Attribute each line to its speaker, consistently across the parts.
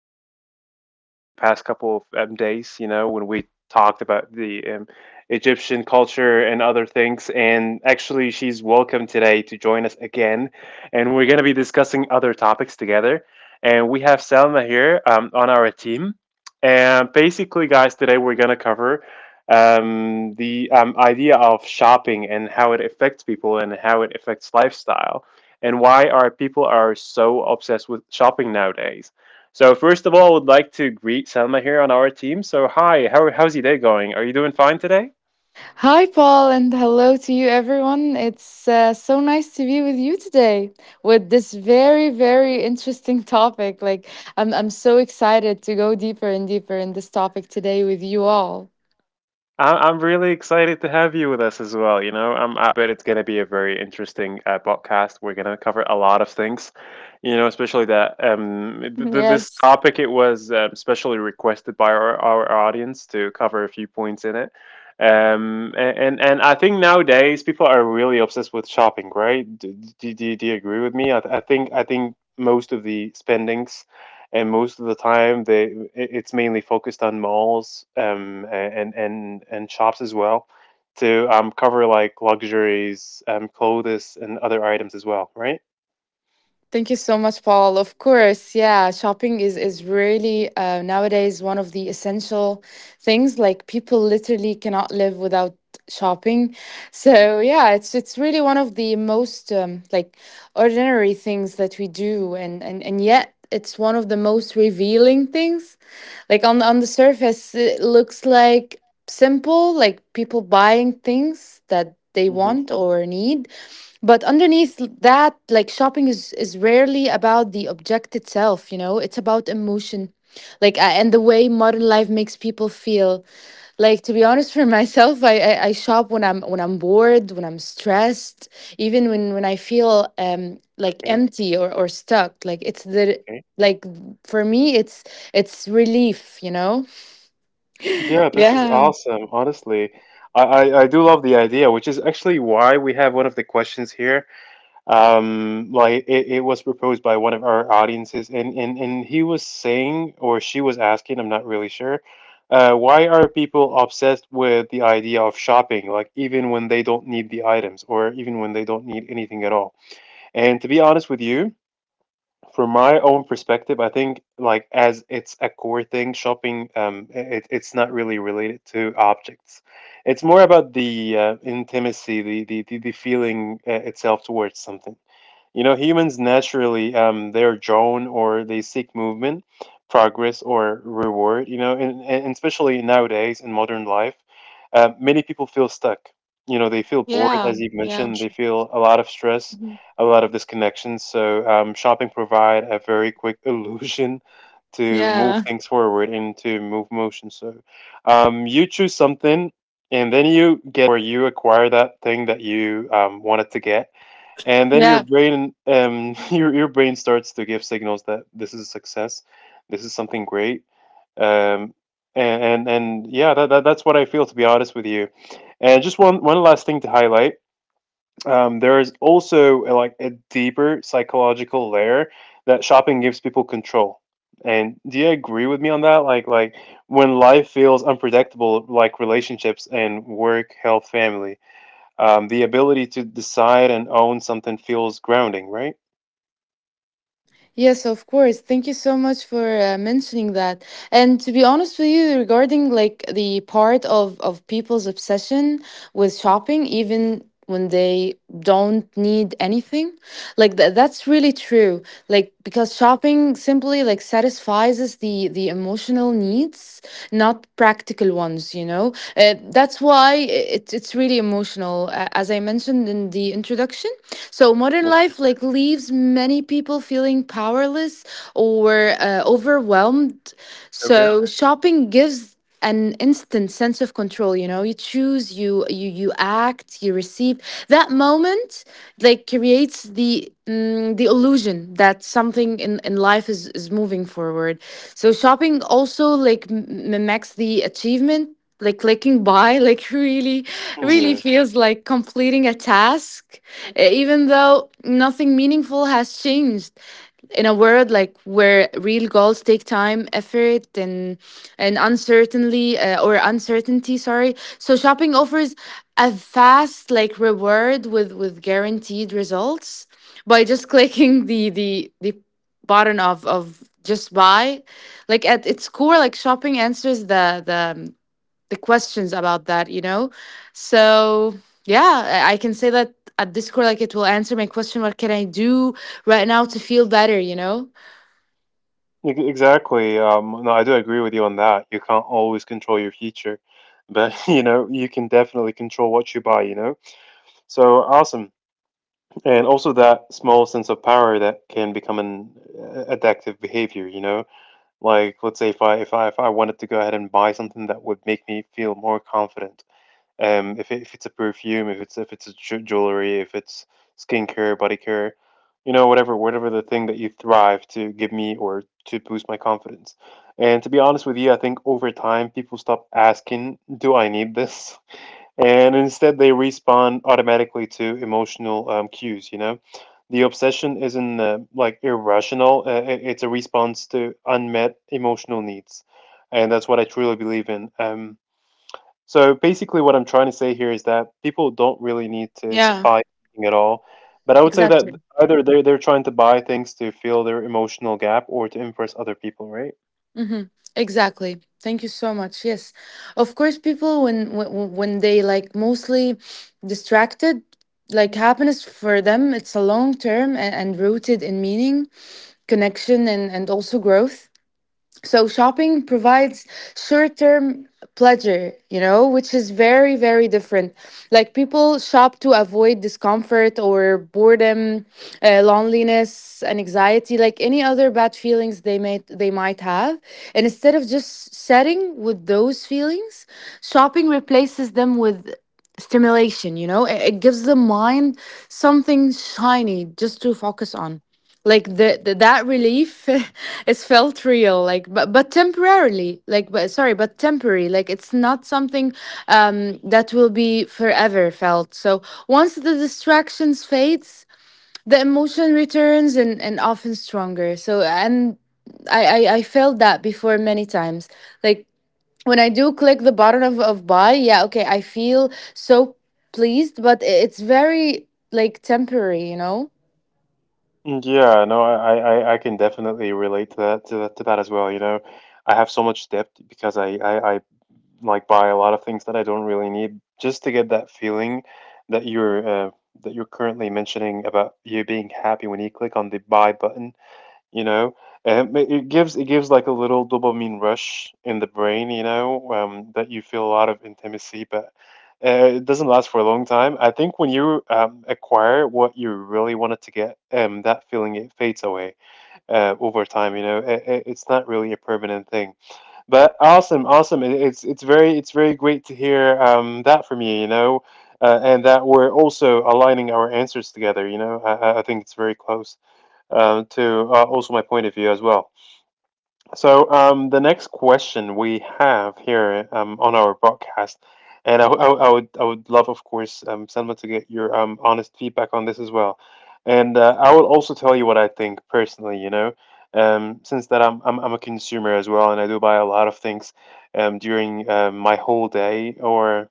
Speaker 1: you know, just the past couple of days, you know, when we talked about the Egyptian culture and other things. And actually, she's welcome today to join us again, and we're going to be discussing other topics together. And we have Selma here on our team. And basically, guys, today we're going to cover the idea of shopping and how it affects people and how it affects lifestyle, and why our people are so obsessed with shopping nowadays. So first of all, I would like to greet Selma here on our team. So hi, how's your day going? Are you doing fine today?
Speaker 2: Hi, Paul, and hello to you, everyone. It's so nice to be with you today with this very, very interesting topic. Like, I'm so excited to go deeper and deeper in this topic today with you all.
Speaker 1: I'm really excited to have you with us as well. You know, I bet it's going to be a very interesting podcast. We're going to cover a lot of things, you know, especially that this
Speaker 2: Yes.
Speaker 1: topic, it was specially requested by our audience to cover a few points in it. Um, a- and I think nowadays people are really obsessed with shopping, right? Do you agree with me? I think I think most of the spendings and most of the time they it's mainly focused on malls, and shops as well, to cover like luxuries, clothes, and other items as well, right?
Speaker 2: Thank you so much, Paul. Of course, yeah, shopping is really nowadays one of the essential things. Like people literally cannot live without shopping. So yeah, it's really one of the most like ordinary things that we do, and yet it's one of the most revealing things. Like on the surface, it looks like simple, like people buying things that they
Speaker 1: Hmm.
Speaker 2: want or need, but underneath that, like shopping is rarely about the object itself, you know? It's about emotion. Like and the way modern life makes people feel. Like to be honest for myself, I shop when I'm bored, when I'm stressed, even when I feel like
Speaker 1: Okay,
Speaker 2: empty or stuck.
Speaker 1: okay.
Speaker 2: Like for me it's relief, you know?
Speaker 1: Yeah, this is
Speaker 2: Yeah.
Speaker 1: awesome. Honestly, I, I do love the idea, which is actually why we have one of the questions here. Like, it was proposed by one of our audiences, and, and he was saying, or she was asking, I'm not really sure, why are people obsessed with the idea of shopping, like even when they don't need the items, or even when they don't need anything at all? And to be honest with you, from my own perspective, I think like as it's a core thing, shopping, it's not really related to objects. It's more about the intimacy, the feeling itself towards something. You know, humans naturally they're drawn or they seek movement, progress, or reward. You know, and especially nowadays in modern life, many people feel stuck. You know, they feel bored,
Speaker 2: Yeah.
Speaker 1: as you've
Speaker 2: Yeah.
Speaker 1: mentioned. They feel a lot of stress, a lot of disconnection. So shopping provide a very quick illusion to move
Speaker 2: Yeah.
Speaker 1: things forward and to move motion. So you choose something, and then you get, or you acquire that thing that you wanted to get, and then your
Speaker 2: Yeah.
Speaker 1: brain your brain starts to give signals that this is a success, this is something great, um and yeah, that that's what I feel, to be honest with you. And just one last thing to highlight, there is also a, like a deeper psychological layer, that shopping gives people control. And do you agree with me on that? Like when life feels unpredictable, like relationships and work, health, family, the ability to decide and own something feels grounding, right?
Speaker 2: Yes, of course. Thank you so much for mentioning that. And to be honest with you, regarding like the part of people's obsession with shopping, even when they don't need anything, like that's really true, like because shopping simply like satisfies us the emotional needs, not practical ones, you know. That's why it's really emotional, as I mentioned in the introduction. So modern
Speaker 1: Yep.
Speaker 2: life like leaves many people feeling powerless or overwhelmed,
Speaker 1: Okay.
Speaker 2: so shopping gives an instant sense of control. You know, you choose, you you act, you receive. That moment like creates the the illusion that something in life is moving forward. So shopping also like mimics the achievement. Like clicking buy like really really
Speaker 1: Yeah,
Speaker 2: feels like completing a task, even though nothing meaningful has changed in a world like where real goals take time, effort, and uncertainty, or uncertainty sorry. So shopping offers a fast like reward with guaranteed results by just clicking the button of just buy. Like at its core, like shopping answers the questions about that, you know? So, yeah, I can say that at Discord, like it will answer my question: what can I do right now to feel better, you know?
Speaker 1: exactly. No, I do agree with you on that. You can't always control your future, but you know, you can definitely control what you buy, you know? So awesome. And also that small sense of power that can become an addictive behavior, you know? Like let's say if I wanted to go ahead and buy something that would make me feel more confident, if it's a perfume, if it's a jewelry, if it's skincare, body care, you know, whatever the thing that you thrive to give me or to boost my confidence. And to be honest with you, I think over time people stop asking, "Do I need this?" And instead, they respond automatically to emotional cues. You know, the obsession isn't like irrational; it's a response to unmet emotional needs, and that's what I truly believe in. So basically, what I'm trying to say here is that people don't really need to
Speaker 2: Yeah,
Speaker 1: buy anything at all. But I would say that
Speaker 2: exactly.
Speaker 1: either they're trying to buy things to fill their emotional gap, or to impress other people, right?
Speaker 2: Mm-hmm. Exactly. Thank you so much. Yes. Of course, people, when they like mostly distracted, like happiness for them, it's a long term and, rooted in meaning, connection, and, also growth. So shopping provides short-term pleasure, you know, which is very very different. Like people shop to avoid discomfort or boredom, loneliness, and anxiety, like any other bad feelings they may they might have. And instead of just setting with those feelings, shopping replaces them with stimulation, you know? It gives the mind something shiny just to focus on, like the that relief is felt real like, but temporarily like but sorry but temporary, like it's not something that will be forever felt. So once the distractions fades, the emotion returns and often stronger. I felt that before many times, like when I do click the button of, buy, yeah, okay, I feel so pleased, but it's very like temporary, you know.
Speaker 1: Mm. Yeah, no, I can definitely relate to that to that to that as well. You know, I have so much debt because I like buy a lot of things that I don't really need, just to get that feeling that you're uh, that you're currently mentioning about you being happy when you click on the buy button, you know. It gives like a little dopamine rush in the brain, you know. That you feel a lot of intimacy, but it doesn't last for a long time. I think when you acquire what you really wanted to get, that feeling, it fades away over time, you know. It's not really a permanent thing. But awesome, it's it's very great to hear that from you, you know. And that we're also aligning our answers together, you know. I think it's very close to also my point of view as well. So the next question we have here on our broadcast, and I would love, of course, Selma, to get your honest feedback on this as well. And I will also tell you what I think personally. You know, since that I'm a consumer as well, and I do buy a lot of things during my whole day, or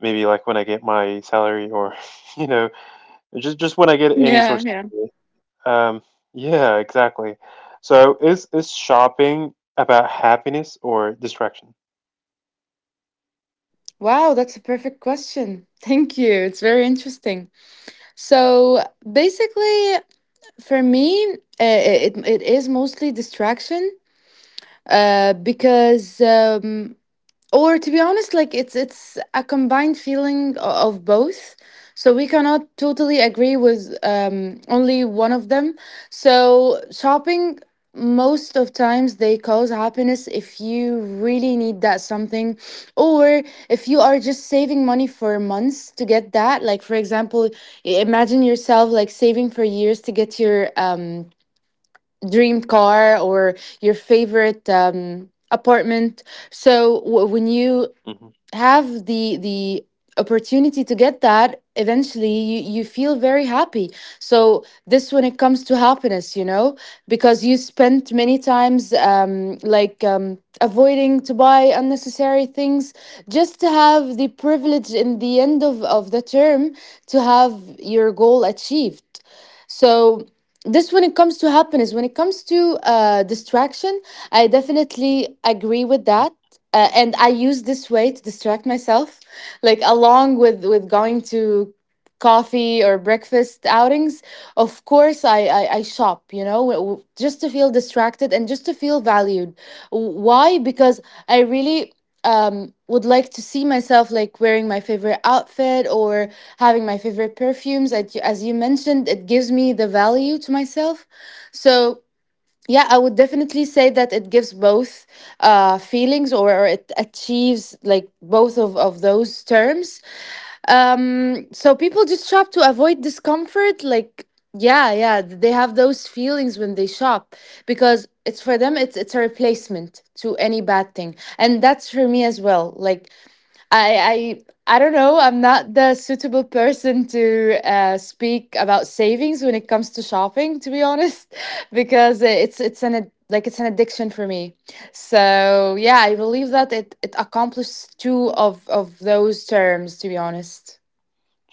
Speaker 1: maybe like when I get my salary, or you know, just when I get any source. Um, yeah, exactly. So is shopping about happiness or distraction?
Speaker 2: Wow, that's a perfect question. Thank you. It's very interesting. So basically, for me, it is mostly distraction. Because or to be honest, like it's a combined feeling of both. So we cannot totally agree with only one of them. So shopping most of times they cause happiness if you really need that something, or if you are just saving money for months to get that, like for example, imagine yourself like saving for years to get your dream car or your favorite apartment. So when you
Speaker 1: Hmm.
Speaker 2: have the opportunity to get that, eventually you feel very happy. So this when it comes to happiness, you know, because you spent many times avoiding to buy unnecessary things, just to have the privilege in the end of the term to have your goal achieved. So this when it comes to happiness. When it comes to distraction, I definitely agree with that. And I use this way to distract myself, like along with going to coffee or breakfast outings. Of course I shop, you know, just to feel distracted and just to feel valued. Why? Because I really would like to see myself like wearing my favorite outfit or having my favorite perfumes. As you, mentioned, it gives me the value to myself. So yeah, I would definitely say that it gives both feelings, or it achieves like both of, those terms. So people just shop to avoid discomfort. Like, yeah, yeah, they have those feelings when they shop, because it's for them, it's a replacement to any bad thing. And that's for me as well. Like, I I don't know. I'm not the suitable person to speak about savings when it comes to shopping, to be honest, because it's an addiction for me. So yeah, I believe that it accomplishes two of those terms, to be honest.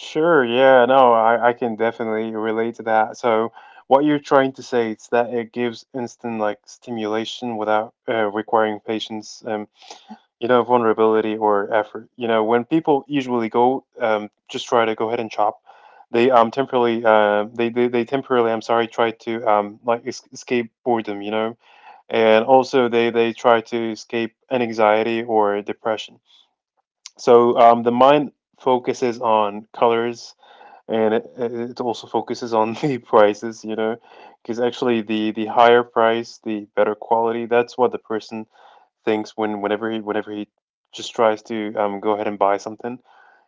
Speaker 1: Sure, yeah, no, I can definitely relate to that. So what you're trying to say is that it gives instant like stimulation without requiring patience, you know, vulnerability or effort. You know, when people usually go just try to go ahead and shop, they they temporarily, I'm sorry, try to like es escape boredom. You know, and also they try to escape an anxiety or depression. So the mind focuses on colors, and it also focuses on the prices, you know, because actually the higher price, the better quality. That's what the person thinks when whenever he just tries to go ahead and buy something.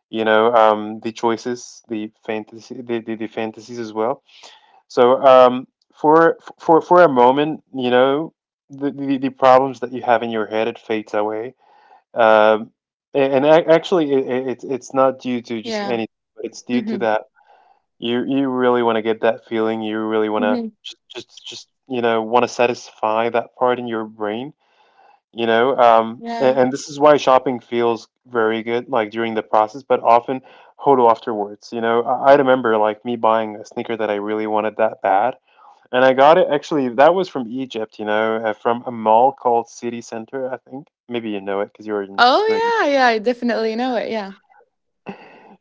Speaker 1: You know, the choices, the fantasy, the fantasies as well. So for a moment, you know, the problems that you have in your head, it fades away. Um, and actually, it's not due to just
Speaker 2: Yeah.
Speaker 1: anything, but it's due to
Speaker 2: Mm-hmm.
Speaker 1: that you really want to get that feeling. You really want to
Speaker 2: Mm-hmm.
Speaker 1: just you know want to satisfy that part in your brain. You know,
Speaker 2: Yeah.
Speaker 1: and this is why shopping feels very good, like during the process, but often. Hodo afterwards, you know, I remember like me buying a sneaker that I really wanted that bad, and I got it. Actually, that was from Egypt, you know, from a mall called City Center, I think. Maybe you know it because you were in.
Speaker 2: Oh yeah, yeah. I definitely know it. Yeah.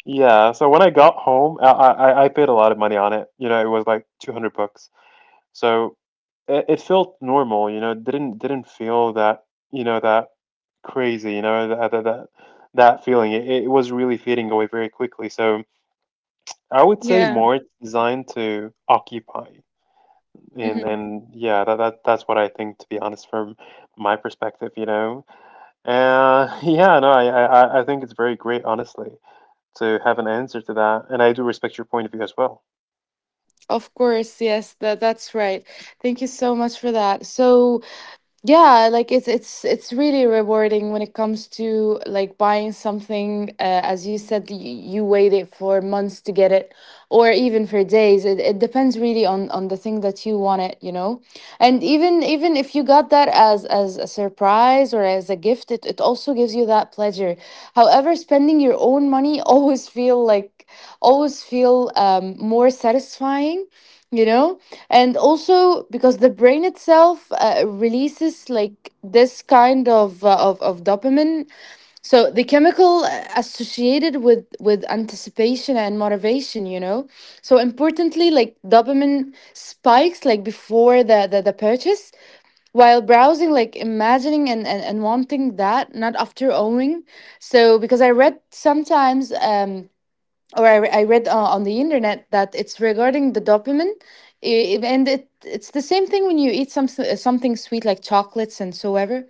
Speaker 1: Yeah. So when I got home, I paid a lot of money on it. You know, it was like 200 bucks. So it felt normal, you know, it didn't feel that, you know, that crazy, you know, that feeling. It was really fading away very quickly. So I would say
Speaker 2: Yeah.
Speaker 1: more it's designed to occupy.
Speaker 2: Mm-hmm.
Speaker 1: And yeah, that's what I think, to be honest, from my perspective, you know. Yeah, no, I think it's very great, honestly, to have an answer to that, and I do respect your point of view as well.
Speaker 2: Of course. Yes. That's right. Thank you so much for that. So yeah, like it's really rewarding when it comes to like buying something. As you said, you waited for months to get it, or even for days. It depends really on the thing that you wanted, you know. And even if you got that as a surprise or as a gift, it also gives you that pleasure. However, spending your own money always feel more satisfying, you know. And also because the brain itself releases like this kind of, of dopamine. So the chemical associated with anticipation and motivation, you know. So importantly, like dopamine spikes like before the purchase, while
Speaker 1: Okay.
Speaker 2: browsing, like imagining and, and wanting that, not after owning. So because I read sometimes I read on the internet that it's regarding the dopamine, and it's the same thing when you eat something sweet like chocolates and so ever.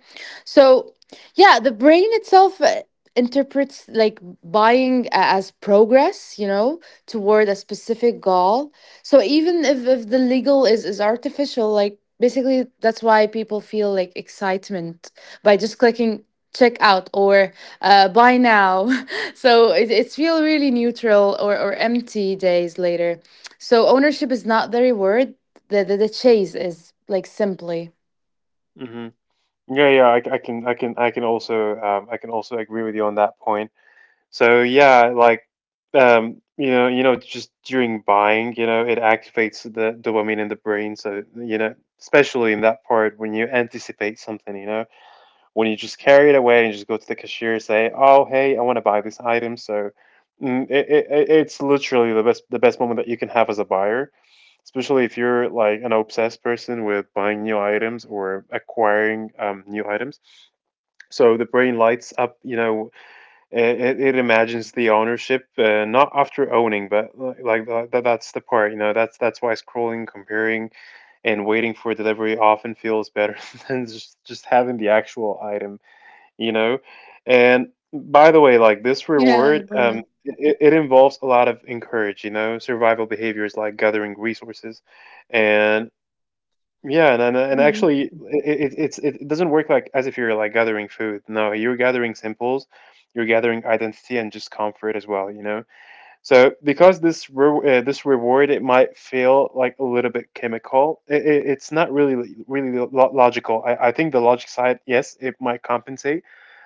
Speaker 2: So yeah, the brain itself interprets like buying as progress, you know, toward a specific goal. So even if the legal is artificial, like basically that's why people feel like excitement by just clicking check out or buy now. So it feel really neutral or, empty days later. So ownership is not the reward, the chase is like simply
Speaker 1: Hmm. Yeah, yeah, I can also agree with you on that point. So yeah, like you know, just during buying, you know, it activates the dopamine in the brain. So you know, especially in that part when you anticipate something, you know, when you just carry it away and just go to the cashier and say, "Oh, hey, I want to buy this item." So it's literally the best moment that you can have as a buyer, especially if you're like an obsessed person with buying new items or acquiring new items. So the brain lights up, you know, it imagines the ownership, not after owning, but like that's the part, you know, that's why scrolling, comparing, and waiting for delivery often feels better than just having the actual item, you know. And by the way, like, this
Speaker 2: Yeah.
Speaker 1: reward, it involves a lot of encourage, you know, survival behaviors like gathering resources. And yeah, and
Speaker 2: Mhm.
Speaker 1: actually it's it doesn't work like as if you're like gathering food. No, you're gathering symbols, you're gathering identity and just comfort as well, you know. So because this this reward, it might feel like a little bit chemical. It's not really really logical. I think the logic side, yes, it might compensate,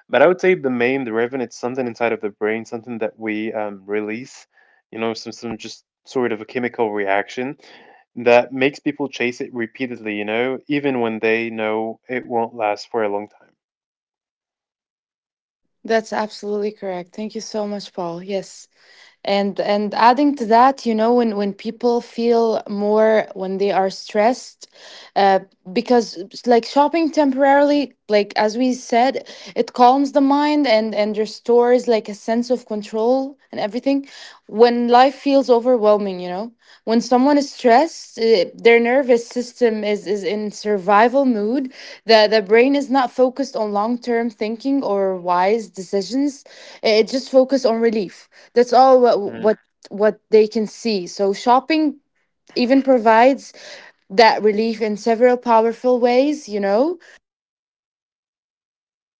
Speaker 1: but I would say the main driven it's something inside of the brain, something that we release, you know, some just sort of a chemical reaction that makes people chase it repeatedly, you know, even when they know it won't last for a long
Speaker 2: That's absolutely correct, thank you so much Paul. Yes. And adding to that, you know, when people feel more when they are stressed, uh, because like shopping temporarily, like as we said, it calms the mind and restores like a sense of control and everything when life feels overwhelming, you know. When someone is stressed, their nervous system is in survival mood. The brain is not focused on long-term thinking or wise decisions. It just focuses on relief. That's all
Speaker 1: time.
Speaker 2: what they can see. So shopping even provides that relief in several powerful ways, you know.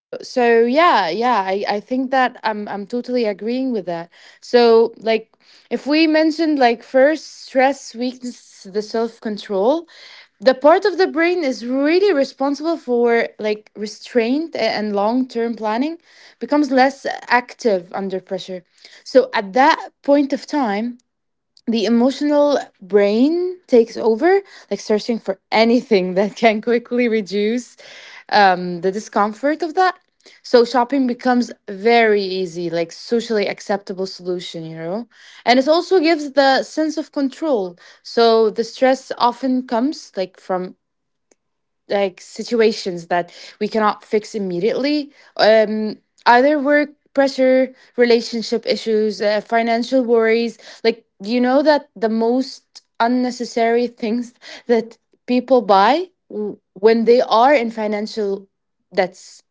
Speaker 2: So, so yeah yeah, I think that I'm totally agreeing with that. So like if we mentioned, like first, stress weakens the self control. The part of the brain is really responsible for like restraint and long term planning becomes less active under pressure. So at that point of time, the emotional brain takes over, like searching for anything that can quickly reduce the discomfort of that. So shopping becomes very easy, like socially acceptable solution, you know? And it also gives the sense of control. So the stress often comes like from like situations that we cannot fix immediately, um either work pressure, relationship issues, financial worries. Like you know that the most unnecessary things that people buy when they are in financial debts.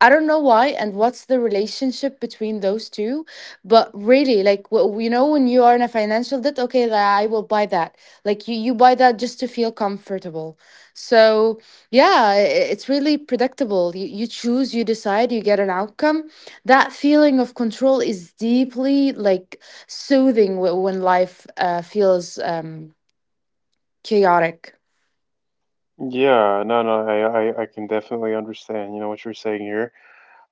Speaker 2: I don't know why and what's the relationship between those two, but really, like, you know, when you are in a financial debt, okay, I will buy that. Like, you buy that just to feel comfortable. So, yeah, it's really predictable. You choose, you decide, you get an outcome. That feeling of control is deeply, soothing when life feels chaotic.
Speaker 1: Hmm. Yeah, no, no, I can definitely understand, you know, what you're saying here.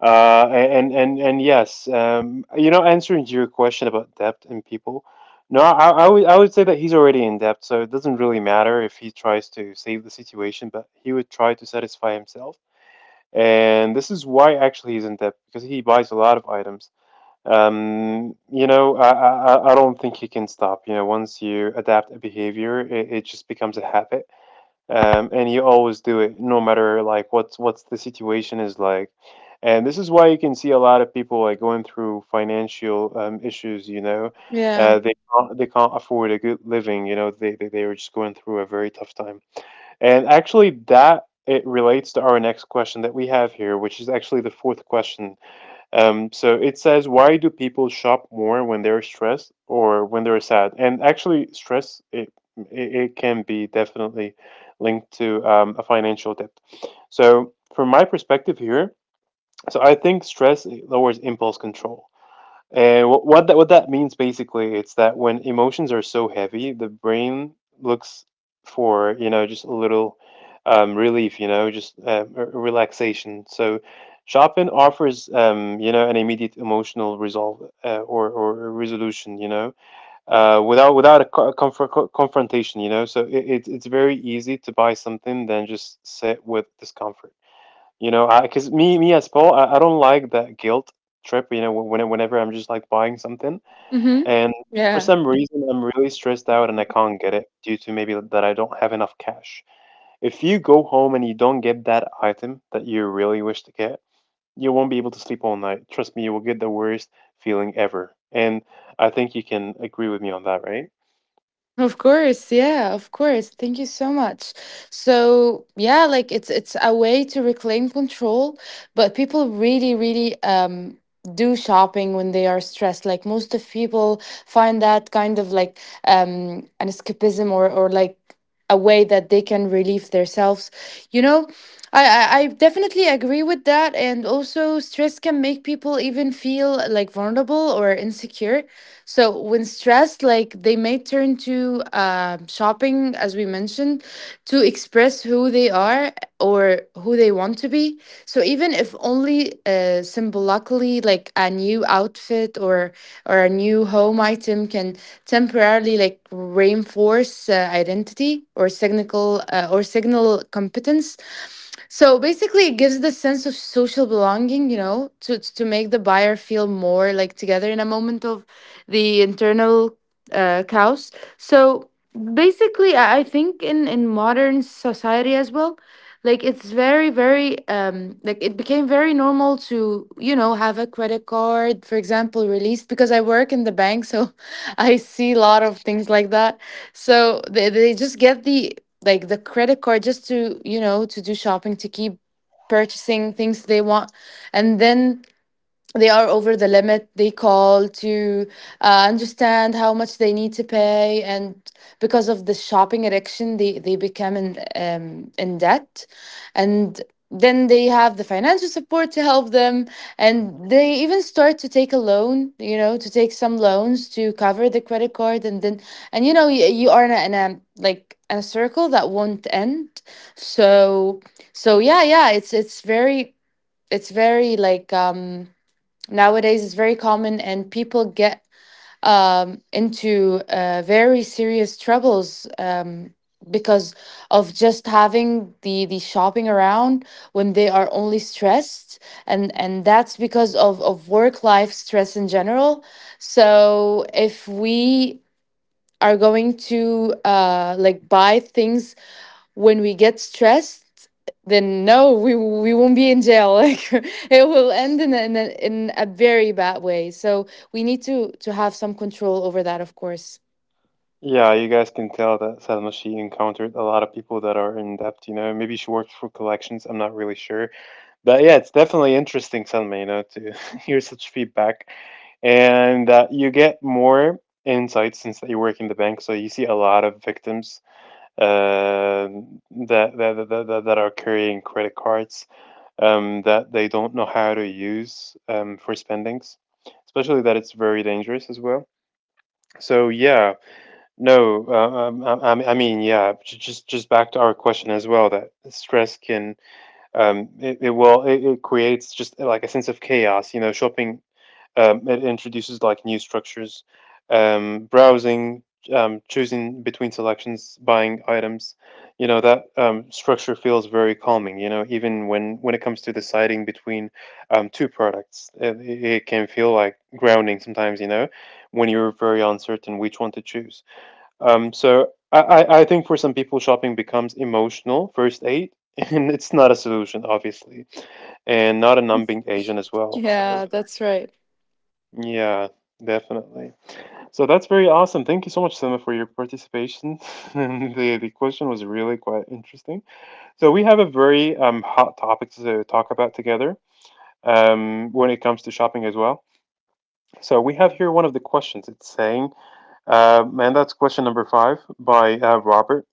Speaker 1: And yes, you know, answering your question about depth in people, no, I would say that he's already in depth, so it doesn't really matter if he tries to save the situation, but he would try to satisfy himself, and this is why actually he's in depth because he buys a lot of items. You know, I don't think he can stop. You know, once you adapt a behavior, it just becomes a habit, and you always do it no matter like what's the situation is like. And this is why you can see a lot of people like going through financial issues, you know.
Speaker 2: Yeah.
Speaker 1: They can't afford a good living, you know. They they were just going through a very tough time, and actually that it relates to our next question that we have here, which is actually the fourth question. So it says, why do people shop more when they're stressed or when they're sad? And actually, stress it it can be definitely linked to a financial debt. So from my perspective here, so I think stress it lowers impulse control. And what that means basically, it's that when emotions are so heavy, the brain looks for, you know, just a little relief, you know, just relaxation. So Chopin offers you know, an immediate emotional resolve, or resolution, you know, without a comfort, confrontation, you know. So it's it's very easy to buy something than just sit with discomfort. You know, I because me as Paul, I don't like that guilt trip. You know, whenever I'm just like buying something,
Speaker 2: Mm-hmm.
Speaker 1: and for
Speaker 2: Yeah.
Speaker 1: some reason I'm really stressed out and I can't get it due to maybe that I don't have enough cash. If you go home and you don't get that item that you really wish to get, you won't be able to sleep all night. Trust me, you will get the worst feeling ever. And I think you can agree with me on that, right?
Speaker 2: Of course, yeah, of course. Thank you so much. So, yeah, like it's a way to reclaim control, but people really do shopping when they are stressed. Like most of people find that kind of like an escapism, or like a way that they can relieve themselves. You know, I I definitely agree with that. And also, stress can make people even feel like vulnerable or insecure. So, when stressed, like they may turn to shopping, as we mentioned, to express who they are or who they want to be. So, even if only symbolically, like a new outfit or a new home item can temporarily like reinforce identity, or signal or signal competence. So basically, it gives the sense of social belonging, you know, to make the buyer feel more like together in a moment of the internal chaos. So basically, I think in modern society as well, like it's very like it became very normal to, you know, have a credit card, for example, released because I work in the bank, so I see a lot of things like that. So they just get the like the credit card just to, you know, to do shopping, to keep purchasing things they want, and then they are over the limit. They call to understand how much they need to pay, and because of the shopping addiction they become in debt, and then they have the financial support to help them, and they even start to take a loan, you know, to take some loans to cover the credit card, and then and you know you, you are in a like a circle that won't end. So so yeah, yeah, it's very, it's very like nowadays it's very common, and people get into very serious troubles, because of just having the shopping around when they are only stressed, and that's because of work life stress in general. So if we are going to like buy things when we get stressed, then no, we we won't be in jail like it will end in a, in, a, in a very bad way. So we need to have some control over that, of course.
Speaker 1: Yeah, you guys can tell that Salma, she encountered a lot of people that are in debt, you know. Maybe she works for collections, I'm not really sure. But yeah, it's definitely interesting, Selma, you know, to hear such feedback. And you get more insight since that you work in the bank. So you see a lot of victims uh, that are carrying credit cards, that they don't know how to use, for spendings, especially that it's very dangerous as well. So yeah, no, I mean, yeah, just back to our question as well that stress can, it creates just like a sense of chaos. You know, shopping, it introduces like new structures, browsing, choosing between selections, buying items. You know that structure feels very calming. You know, even when it comes to deciding between two products, it it can feel like grounding sometimes. You know, when you're very uncertain which one to choose. So I think for some people, shopping becomes emotional first aid, and it's not a solution, obviously, and not a numbing agent as well.
Speaker 2: Yeah,
Speaker 1: So
Speaker 2: that's right.
Speaker 1: yeah, definitely. So that's very awesome. Thank you so much, Selma, for your participation. The question was really quite interesting. So we have a very hot topic to talk about together. When it comes to shopping as well. So we have here one of the questions. It's saying, um, and that's question number five by Robert.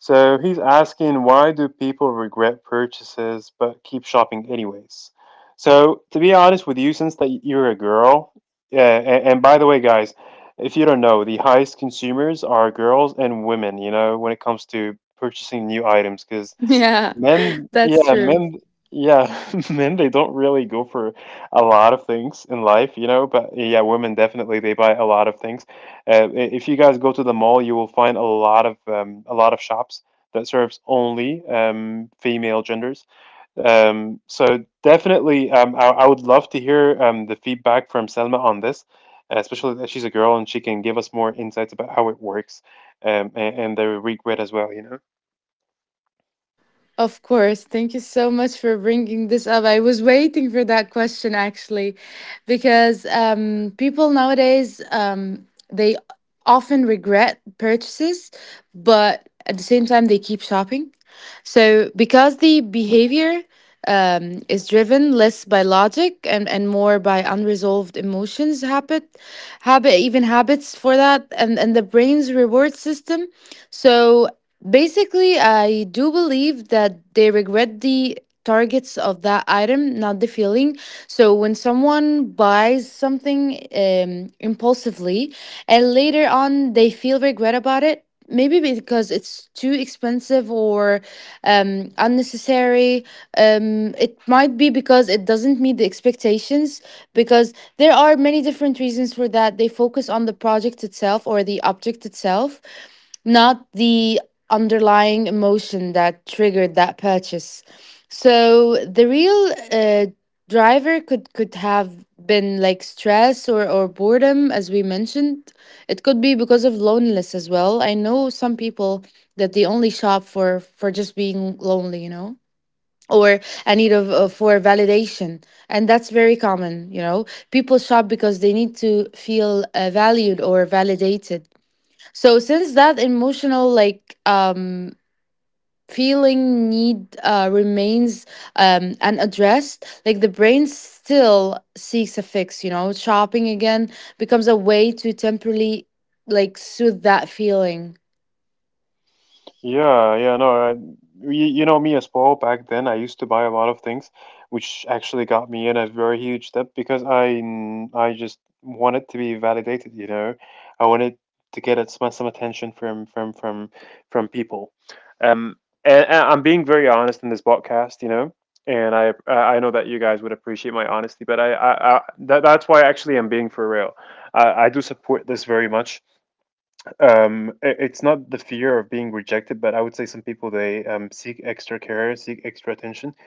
Speaker 1: So he's asking, why do people regret purchases but keep shopping anyways? So to be honest with you, since that you're a girl, and by the way, guys, if you don't know, the highest consumers are girls and women. You know, when it comes to purchasing new items, because
Speaker 2: Yeah,
Speaker 1: men,
Speaker 2: that's
Speaker 1: yeah,
Speaker 2: true.
Speaker 1: men, yeah, men, they don't really go for a lot of things in life, you know, but yeah, women definitely they buy a lot of things. If you guys go to the mall, you will find a lot of shops that serves only female genders. So definitely, I would love to hear the feedback from Selma on this, especially that she's a girl and she can give us more insights about how it works, and the regret as well, you know.
Speaker 2: Of course. Thank you so much for bringing this up. I was waiting for that question actually, because people nowadays they often regret purchases, but at the same time they keep shopping. So because the behavior is driven less by logic and more by unresolved emotions, habit, habit, even habits for that, and the brain's reward system. So. Basically, I do believe that they regret the targets of that item, not the feeling. So when someone buys something impulsively and later on they feel regret about it, maybe because it's too expensive or unnecessary. It might be because it doesn't meet the expectations, because there are many different reasons for that. They focus on the project itself or the object itself, not the underlying emotion that triggered that purchase. So the real driver could have been like stress or boredom, as we mentioned. It could be because of loneliness as well. I know some people that they only shop for just being lonely, you know, or a need of for validation, and that's very common. You know, people shop because they need to feel valued or validated. So since that emotional like feeling need remains unaddressed, like the brain still seeks a fix. You know, shopping again becomes a way to temporarily like soothe that feeling.
Speaker 1: Yeah, yeah, no, I, you know me as well. Back then, I used to buy a lot of things, which actually got me in a very huge step because I just wanted to be validated, you know. I wanted to get at some attention from from people. Um, and I'm being very honest in this podcast, you know. And I know that you guys would appreciate my honesty, but that's why actually I'm being for real. I do support this very much. It's not the fear of being rejected, but I would say some people they seek extra care, seek extra attention,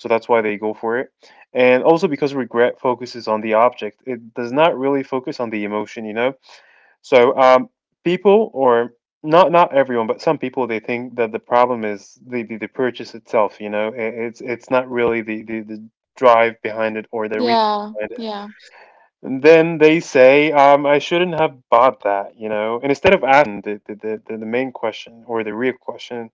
Speaker 1: so that's why they go for it. And also because regret focuses on the object, it does not really focus on the emotion, you know. So people, or not everyone, but some people, they think that the problem is the purchase itself. You know, it's not really the, the drive behind it or the reason behind it.
Speaker 2: Yeah.
Speaker 1: And then they say, I shouldn't have bought that, you know. And instead of asking the main question or the real question,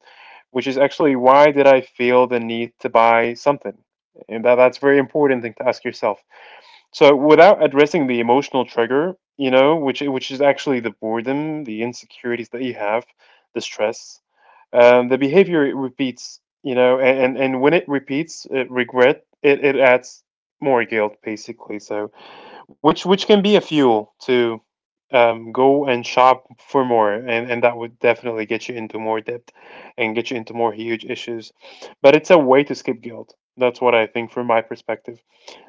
Speaker 1: which is actually, why did I feel the need to buy something? And that, that's very important thing to ask yourself. So without addressing the emotional trigger, you know, which is actually the boredom, the insecurities that you have, the stress, the behavior it repeats, you know, and when it repeats, it regret, it adds more guilt basically. So which can be a fuel to go and shop for more, and that would definitely get you into more debt and get you into more huge issues. But it's a way to skip guilt. That's what I think from my perspective.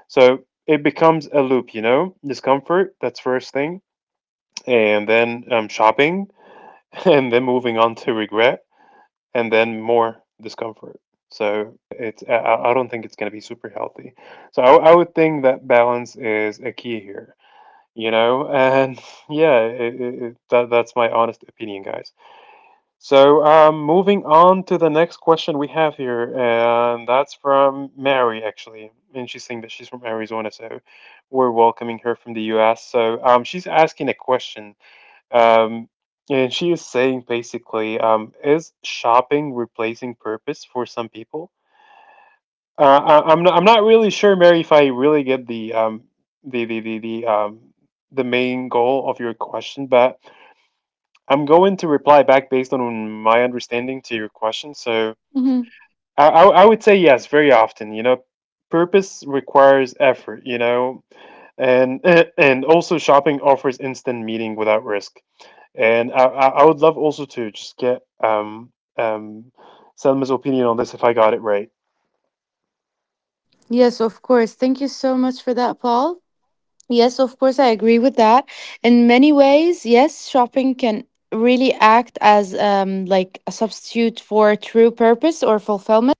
Speaker 1: So it becomes a loop, you know, discomfort. That's first thing, and then shopping, and then moving on to regret, and then more discomfort. So it's I don't think it's going to be super healthy. So I would think that balance is a key here, you know. And yeah, that's my honest opinion, guys. Moving on to the next question we have here, and that's from Mary actually, and she's saying that she's from Arizona, so we're welcoming her from the US. She's asking a question, um, and she is saying basically, is shopping replacing purpose for some people? I'm not really sure, Mary, if I really get the the the the um the main goal of your question, but I'm going to reply back based on my understanding to your question. So
Speaker 2: Hmm.
Speaker 1: I would say yes, very often. You know, purpose requires effort. You know, and and also shopping offers instant meaning without risk. And I would love also to just get Selma's opinion on this if I got it right.
Speaker 2: Yes, of course. Thank you so much for that, Paul. Yes, of course, I agree with that. In many ways, yes, shopping can really act as like a substitute for true purpose or fulfillment.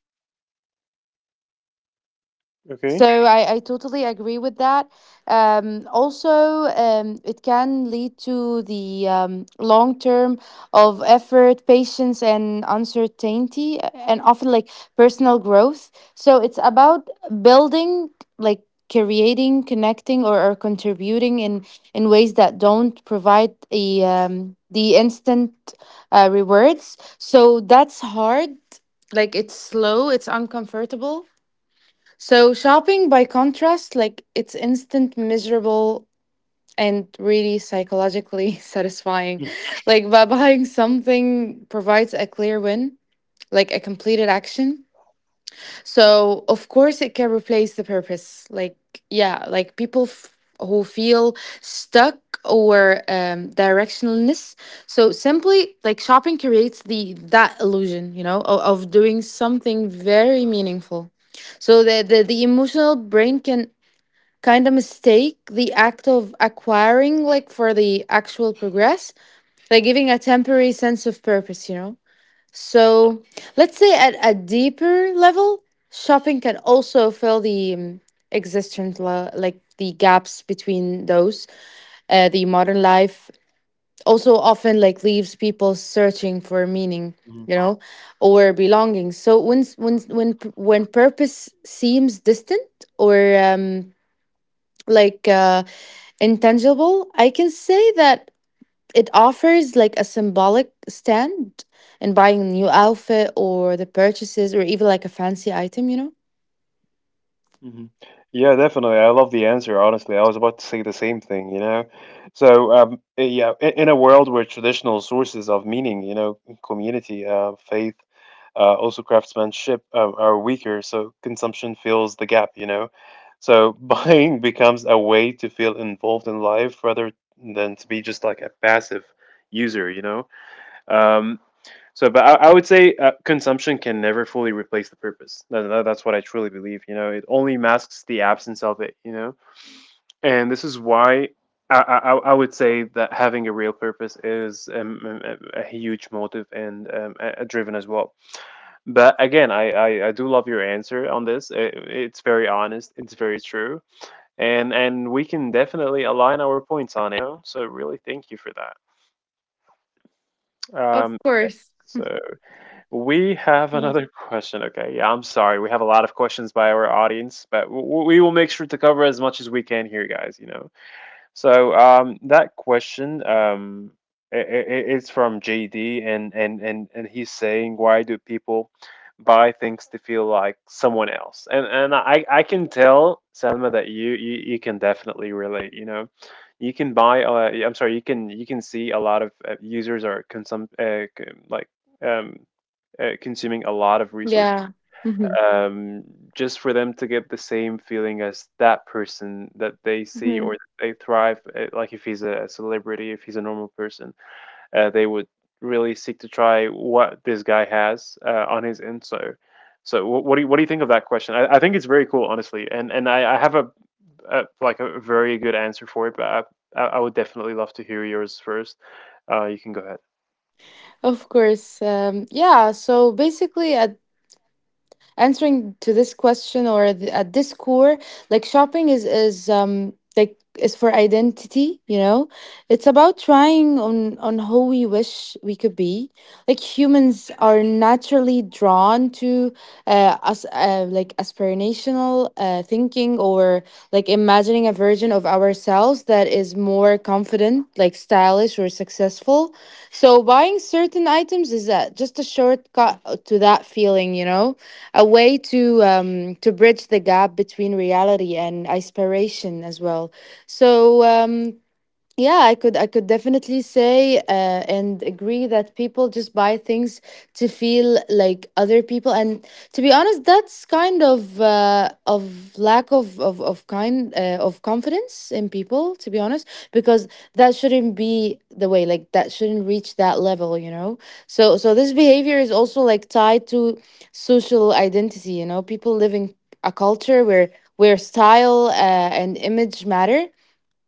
Speaker 1: Okay.
Speaker 2: So I totally agree with that. Also, it can lead to the long term of effort, patience, and uncertainty, and often like personal growth. So it's about building, like creating, connecting, or contributing in ways that don't provide a the instant rewards. So that's hard. Like it's slow. It's uncomfortable. So shopping by contrast, like it's instant, miserable, and really psychologically satisfying. Like by buying something provides a clear win, like a completed action. So, of course, it can replace the purpose. Like, yeah, like people who feel stuck or directionless. So, simply like shopping creates the that illusion, you know, of doing something very meaningful. So, the emotional brain can kind of mistake the act of acquiring like for the actual progress, like giving a temporary sense of purpose, you know. So let's say at a deeper level, shopping can also fill the existence, like the gaps between those. The modern life also often like leaves people searching for meaning,
Speaker 1: Mhm.
Speaker 2: you know, or belonging. So when when purpose seems distant or like uh, intangible, I can say that it offers like a symbolic stand in buying a new outfit, or the purchases, or even like a fancy item, you know?
Speaker 1: Hmm. Yeah, definitely. I love the answer, honestly. I was about to say the same thing, you know? So, yeah, in a world where traditional sources of meaning, you know, community, faith, also craftsmanship, are weaker, so consumption fills the gap, you know? So, buying becomes a way to feel involved in life rather than to be just like a passive user, you know? Um, so, but I would say consumption can never fully replace the purpose. That's what I truly believe. You know, it only masks the absence of it. You know, and this is why I would say that having a real purpose is a huge motive and a driven as well. But again, I do love your answer on this. It's very honest. It's very true, and we can definitely align our points on it, you know? So, really, thank you for that. Um, so. We have another question. Okay, yeah, I'm sorry. We have a lot of questions by our audience, but we will make sure to cover as much as we can here, guys, you know. That question, it's from JD, and, he's saying, why do people buy things to feel like someone else? And I can tell Selma that you you can definitely relate. You know, you can buy. I'm sorry, you can see a lot of users are like um, consuming a lot of resources,
Speaker 2: Yeah. Hmm.
Speaker 1: um, just for them to get the same feeling as that person that they see or
Speaker 2: Hmm.
Speaker 1: that they thrive. Like if he's a celebrity, if he's a normal person, they would really seek to try what this guy has on his end. So, what do you think of that question? I think it's very cool, honestly, and I have a like a very good answer for it, but I would definitely love to hear yours first. You can go ahead.
Speaker 2: Of course. Yeah. So basically, at answering to this question or at this core, like shopping is like is for identity, you know. It's about trying on who we wish we could be, like humans are naturally drawn to us like aspirational thinking, or like imagining a version of ourselves that is more confident, like stylish or successful. So buying certain items is just a shortcut to that feeling, you know, a way to bridge the gap between reality and aspiration as well. So yeah, I could definitely say and agree that people just buy things to feel like other people, and to be honest, that's kind of lack of kind of confidence in people. To be honest, because that shouldn't be the way. Like that shouldn't reach that level, you know. So so this behavior is also like tied to social identity. You know, people living a culture where style and image matter,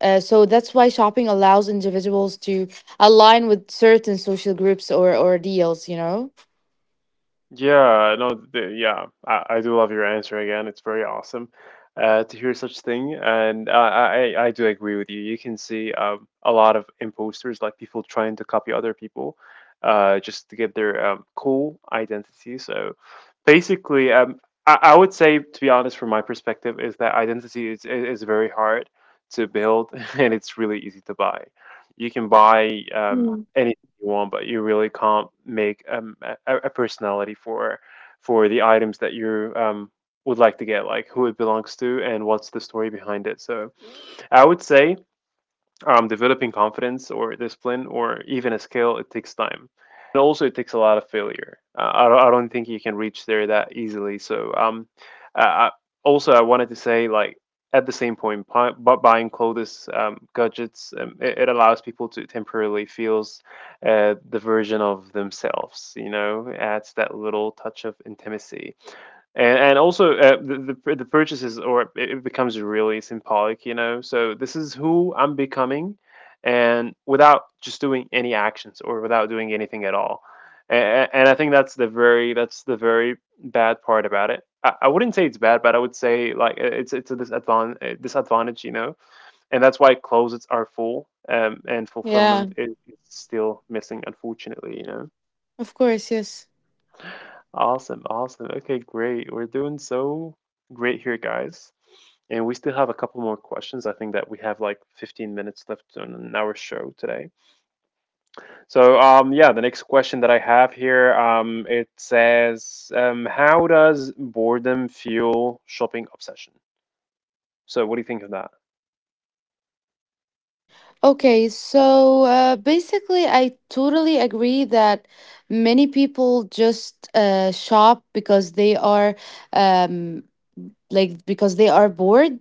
Speaker 2: so that's why shopping allows individuals to align with certain social groups, or deals, you know?
Speaker 1: Yeah, no, yeah, I do love your answer again. It's very awesome to hear such thing, and I do agree with you. You can see a lot of imposters, like people trying to copy other people, just to get their cool identity. So, basically, I would say, to be honest, from my perspective, is that identity is very hard to build, and it's really easy to buy. You can buy
Speaker 2: Mm.
Speaker 1: any you want, but you really can't make a personality for the items that you would like to get, like who it belongs to and what's the story behind it. So I would say developing confidence or discipline or even a skill, it takes time, and also it takes a lot of failure. I don't think you can reach there that easily. Uh, I- Also, I wanted to say, like, at the same point, buying clothes, gadgets, it, it allows people to temporarily feels the version of themselves, you know, adds that little touch of intimacy. And also, the purchases, or it becomes really symbolic, you know, so this is who I'm becoming, and without just doing any actions, or without doing anything at all. And I think that's the very, that's the very bad part about it. I wouldn't say it's bad, but I would say like, it's a disadvantage, you know. And that's why closets are full, and
Speaker 2: Yeah,
Speaker 1: fulfillment is still missing, unfortunately, you know.
Speaker 2: of course, yes.
Speaker 1: Awesome, awesome. Okay, great. We're doing so great here, guys. And we still have a couple more questions. I think that we have like 15 minutes left on our show today. So, yeah, the next question that I have here, it says, how does boredom fuel shopping obsession? So, what do you think of that?
Speaker 2: Okay, so basically, I totally agree that many people just shop because they are um, like because they are bored.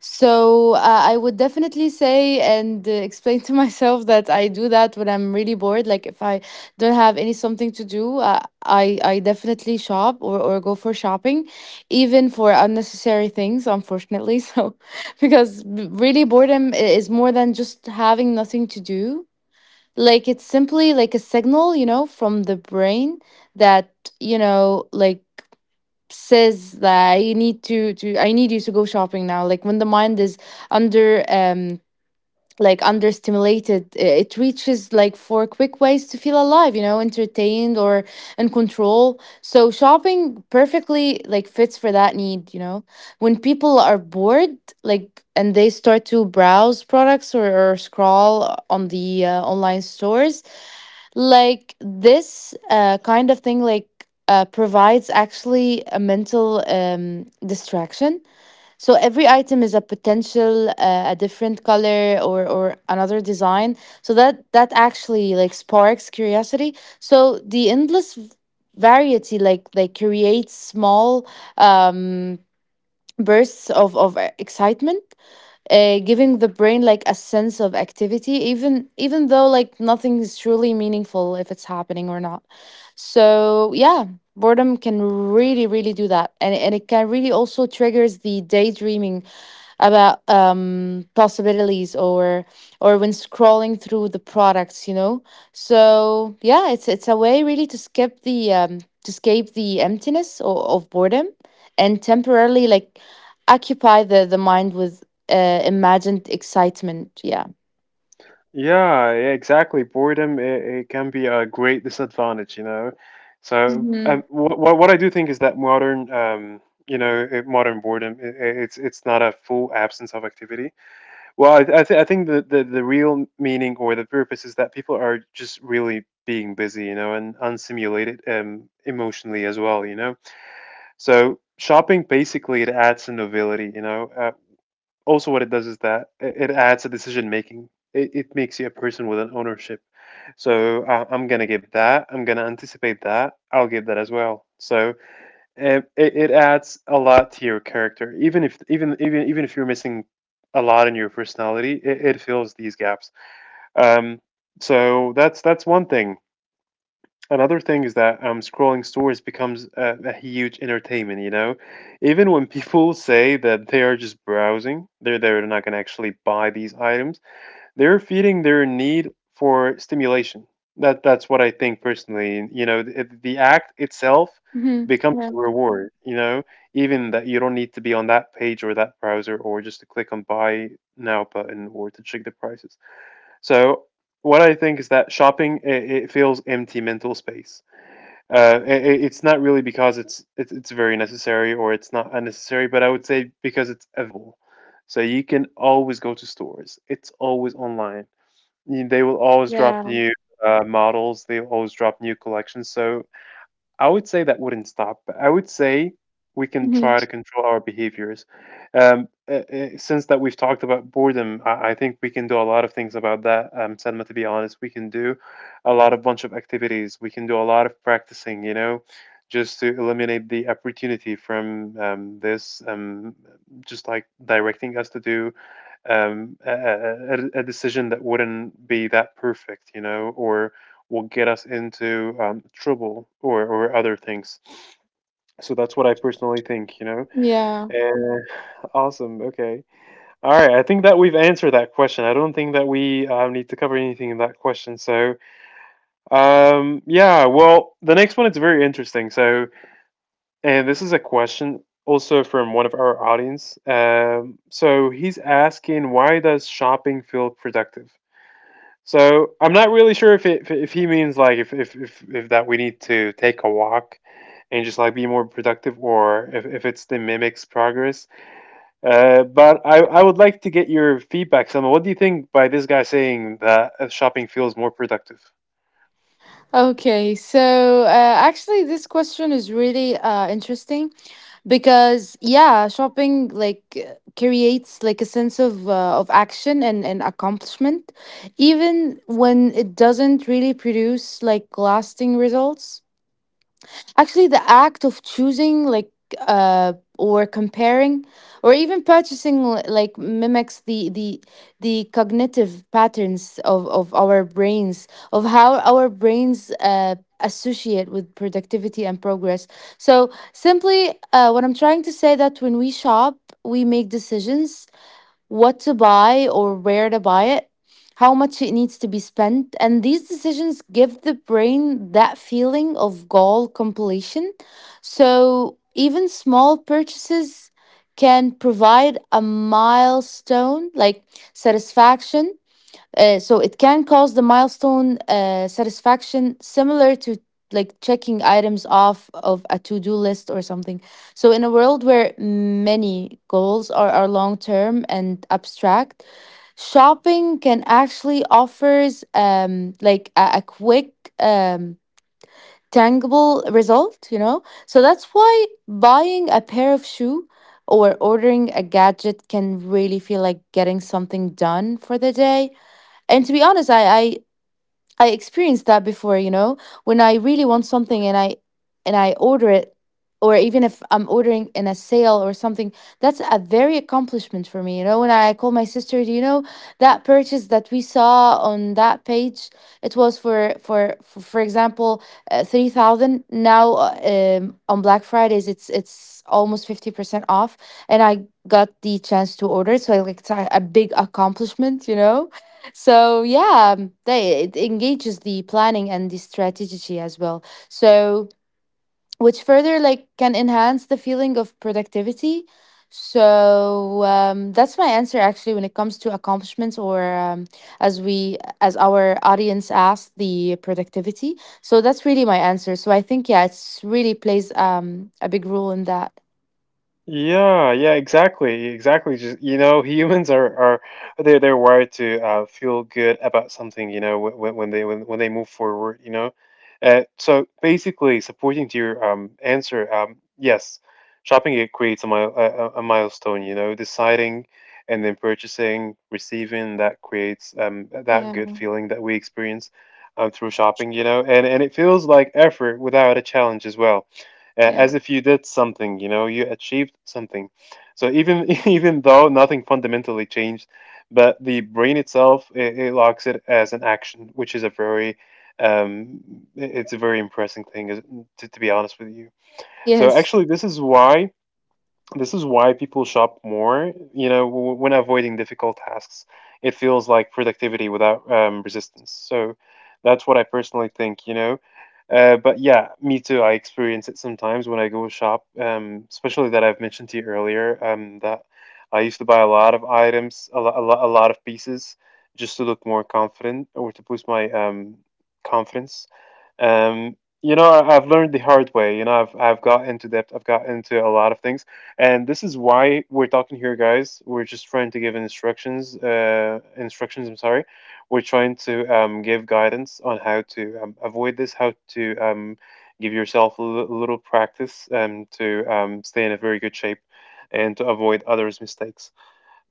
Speaker 2: So I would definitely say and explain to myself that I do that when I'm really bored. Like if I don't have any something to do, I definitely shop or go for shopping, even for unnecessary things. Unfortunately, so because really boredom is more than just having nothing to do. Like it's simply like a signal, you know, from the brain that you know like says that I need to I need you to go shopping now. Like when the mind is under like under stimulated, it reaches like for quick ways to feel alive, you know, entertained or in control. So shopping perfectly like fits for that need, you know. When people are bored, like and they start to browse products, or scroll on the online stores, like this kind of thing like provides actually a mental distraction. So every item is a potential a different color or another design, so that that actually like sparks curiosity. So the endless variety like creates small um bursts of excitement, giving the brain like a sense of activity, even even though like nothing is truly meaningful if it's happening or not. So yeah, boredom can really really do that, and it can really also triggers the daydreaming about possibilities, or when scrolling through the products, you know. So yeah, it's a way really to skip the to escape the emptiness of boredom, and temporarily like occupy the mind with imagined excitement, yeah.
Speaker 1: Yeah, yeah, exactly. Boredom, it can be a great disadvantage, you know.
Speaker 2: Mm-hmm.
Speaker 1: What I do think is that modern you know, modern boredom, it's not a full absence of activity. Well, I think the real meaning or the purpose is that people are just really being busy, you know, and unstimulated emotionally as well, you know. So shopping basically, it adds a novelty, you know. Also what it does is that it adds a decision making. It makes you a person with an ownership. I'm gonna give that, I'm gonna anticipate that I'll give that as well. It adds a lot to your character, even if even even even if you're missing a lot in your personality, it fills these gaps. um that's one thing. Another thing is that scrolling stories becomes a huge entertainment, you know? Even when people say that they are just browsing, they're not going to actually buy these items, they're feeding their need for stimulation. That's what I think personally. You know, the act itself
Speaker 2: Mm-hmm.
Speaker 1: becomes
Speaker 2: Yeah.
Speaker 1: a reward, you know? Even that you don't need to be on that page or that browser or just to click on buy now button or to check the prices. So, what I think is that shopping, it fills empty mental space. Uh, i it's not really because it's very necessary or it's not unnecessary, but I would say because it's available. So you can always go to stores. It's always online. They will always drop
Speaker 2: Yeah.
Speaker 1: new models. They will always drop new collections. So I would say that wouldn't stop. I would say we can
Speaker 2: Hmm.
Speaker 1: try to control our behaviors. Since that we've talked about boredom, I think we can do a lot of things about that. Selma, to be honest, we can do a lot of bunch of activities. We can do a lot of practicing, you know, just to eliminate the opportunity from this, just like directing us to do um, a, a, a decision that wouldn't be that perfect, you know, or will get us into trouble, or other things. So that's what I personally think, you know.
Speaker 2: Yeah.
Speaker 1: Awesome. Okay. All right. I think that we've answered that question. I don't think that we need to cover anything in that question. So, yeah. Well, the next one is very interesting. So, and this is a question also from one of our audience. So he's asking, why does shopping feel productive? So I'm not really sure if it, if he means like if that we need to take a walk and just like be more productive, or if it's the mimics progress. But I would like to get your feedback, Selma. What do you think by this guy saying that shopping feels more productive?
Speaker 2: Okay. So actually, this question is really interesting, because yeah shopping like creates like a sense of action and accomplishment, even when it doesn't really produce like lasting results. Actually, the act of choosing, like, uh, or comparing, or even purchasing, like, mimics the cognitive patterns of our brains, of how our brains associate with productivity and progress. So simply, what I'm trying to say that when we shop, we make decisions what to buy or where to buy it, how much it needs to be spent. And these decisions give the brain that feeling of goal completion. So even small purchases can provide a milestone like satisfaction, so it can cause the milestone satisfaction similar to like checking items off of a to-do list or something. So in a world where many goals are long-term and abstract, shopping can actually offers like a quick um, tangible result, you know? So that's why buying a pair of shoe or ordering a gadget can really feel like getting something done for the day, and to be honest, I experienced that before, when I really want something and I order it, or even if I'm ordering in a sale or something, that's a very accomplishment for me. When I call my sister, do you know that purchase that we saw on that page? It was for example 3,000 now, on Black Fridays it's almost 50% off, and I got the chance to order it, so like it's a big accomplishment. So yeah, it engages the planning and the strategy as well. So which further like can enhance the feeling of productivity. So that's my answer actually when it comes to accomplishments or, as we as our audience asked, the productivity. So that's really my answer. So I think, yeah, it's really plays a big role in that.
Speaker 1: Yeah, yeah, exactly, exactly. Just you know, humans are they're wired to feel good about something. You know, when they move forward. You know, so basically, supporting to your answer, yes, shopping, it creates a milestone. You know, deciding and then purchasing, receiving, that creates that
Speaker 2: Yeah.
Speaker 1: good feeling that we experience through shopping. You know, and it feels like effort without a challenge as well.
Speaker 2: Yeah.
Speaker 1: As if you did something, you know, you achieved something. So even even though nothing fundamentally changed, but the brain itself, it locks it as an action, which is a very um, I- it's a very impressive thing, to be honest with you. So
Speaker 2: Yes.
Speaker 1: actually, this is why people shop more, you know, when avoiding difficult tasks. It feels like productivity without resistance. So that's what I personally think, you know. But yeah, me too. I experience it sometimes when I go shop, especially that I've mentioned to you earlier, that I used to buy a lot of items, a lot, a lot, a lot of pieces, just to look more confident or to boost my confidence. You know, I've learned the hard way. You know, I've got into debt. I've got into a lot of things. And this is why we're talking here, guys. We're just trying to give instructions, I'm sorry. We're trying to give guidance on how to avoid this, how to give yourself a little practice to stay in a very good shape and to avoid others' mistakes.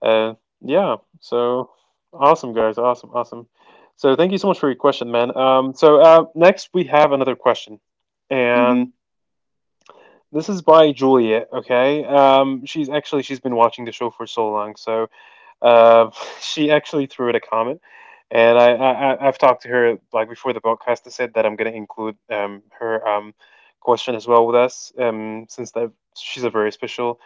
Speaker 1: Uh, yeah, so awesome, guys. Awesome, awesome. So thank you so much for your question, man. Next we have another question. And
Speaker 2: Hmm.
Speaker 1: this is by Juliet, okay? She's been watching the show for so long, so uh, she actually threw it a comment, and I've talked to her like before the podcast. I said that I'm gonna include her question as well with us since that she's a very special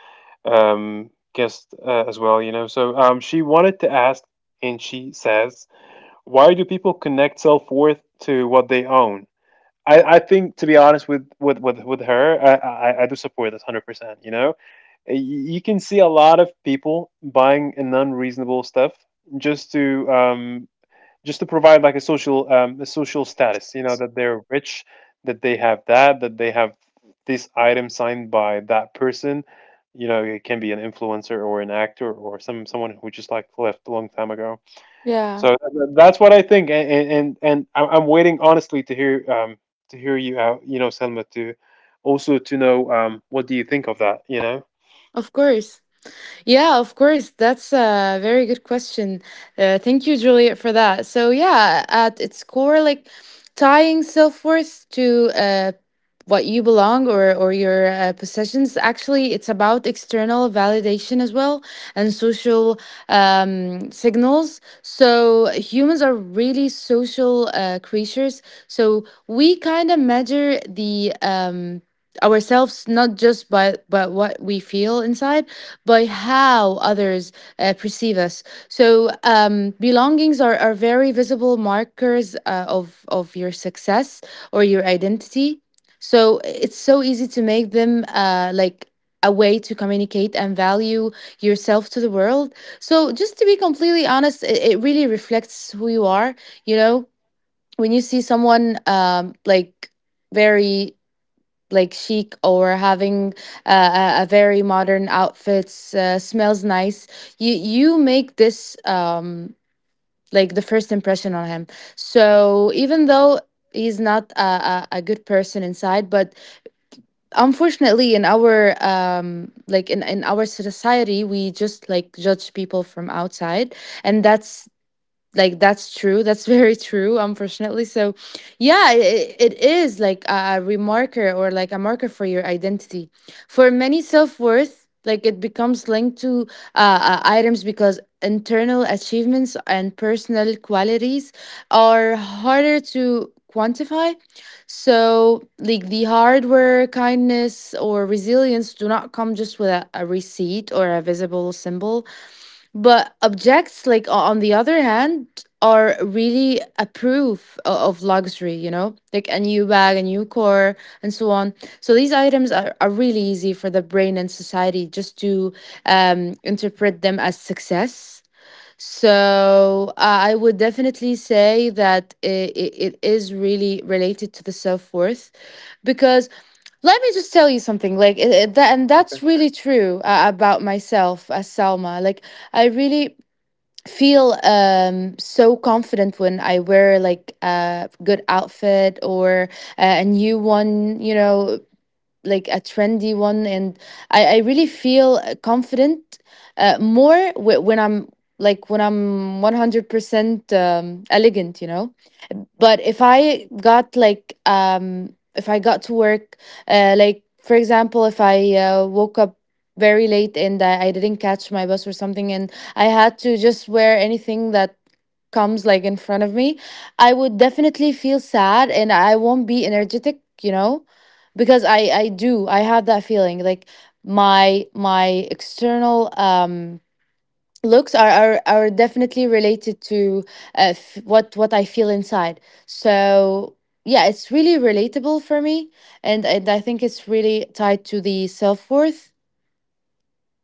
Speaker 1: guest as well, you know. So she wanted to ask, and she says, why do people connect self worth to what they own? I think to be honest with with her, I do support this 100%. You know, you can see a lot of people buying an unreasonable stuff just to provide like a social status. You know that they're rich, that they have that they have this item signed by that person. You know, it can be an influencer or an actor or someone who just like left a long time ago.
Speaker 2: Yeah.
Speaker 1: So that's what I think, and I'm waiting honestly to hear to hear you out, you know, Selma, to also to know what do you think of that, you know?
Speaker 2: Of course. Yeah, of course. That's a very good question. Thank you, Juliet, for that. So yeah, at its core, like tying self worth to, what you belong or your possessions. Actually, it's about external validation as well and social signals. So humans are really social creatures. So we kind of measure the, ourselves, not just by but what we feel inside, by how others perceive us. So belongings are very visible markers of your success or your identity. So it's so easy to make them like a way to communicate and value yourself to the world. So just to be completely honest, it really reflects who you are. You know, when you see someone like very like chic, or having a very modern outfits, smells nice, you make this, like, the first impression on him. So even though he's not a good person inside, but unfortunately in our, like, in our society, we just like judge people from outside, and that's true, that's very true, unfortunately. So yeah, it is like a remarker, or like a marker for your identity, for many self-worth, like, it becomes linked to items, because internal achievements and personal qualities are harder to quantify. So like the hardware kindness or resilience do not come just with a receipt or a visible symbol, but objects, like on the other hand, are really a proof of luxury, you know, like a new bag, a new car, and so on. So these items are really easy for the brain and society just to interpret them as success. So I would definitely say that it is really related to the self worth, because let me just tell you something, like, it, that, and that's
Speaker 1: Okay.
Speaker 2: really true about myself as Salma. Like I really feel so confident when I wear like a good outfit, or a new one, you know, like a trendy one, and I really feel confident, more when I'm, like, when I'm 100% elegant, you know. But if I got like, if I got to work, like, for example, if I woke up very late and I didn't catch my bus or something, and I had to just wear anything that comes like in front of me, I would definitely feel sad and I won't be energetic. Because I have that feeling, like, my external, looks are definitely related to, what I feel inside. So yeah, it's really relatable for me, and I think it's really tied to the self worth.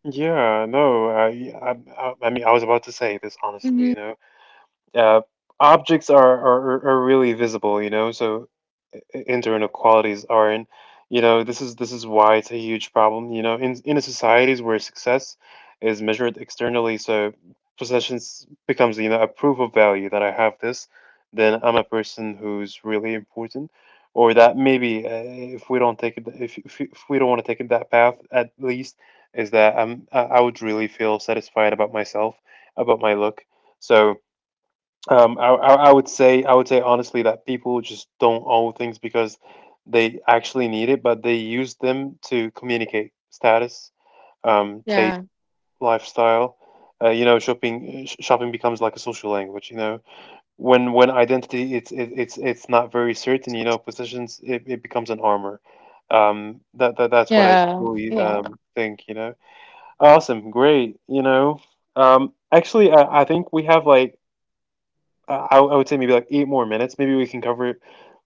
Speaker 1: Yeah, no, yeah, I mean, I was about to say this honestly,
Speaker 2: Hmm.
Speaker 1: you know. Uh, Objects are really visible, you know, so internal qualities aren't. You know, this is why it's a huge problem. You know, in a societies where success is measured externally, so possessions becomes you know a proof of value that I have this, then I'm a person who's really important, or that maybe if we don't take it, if we don't want to take it that path, at least is that I would really feel satisfied about myself, about my look. So I would say I would say honestly that people just don't own things because they actually need it, but they use them to communicate status, taste,
Speaker 2: Yeah,
Speaker 1: lifestyle. You know, shopping becomes like a social language. You know, when identity it's not very certain. You know, positions it becomes an armor. That that's what I
Speaker 2: yeah,
Speaker 1: truly
Speaker 2: yeah.
Speaker 1: think. You know, awesome, great. You know, actually I think we have like I would say maybe like eight more minutes. Maybe we can cover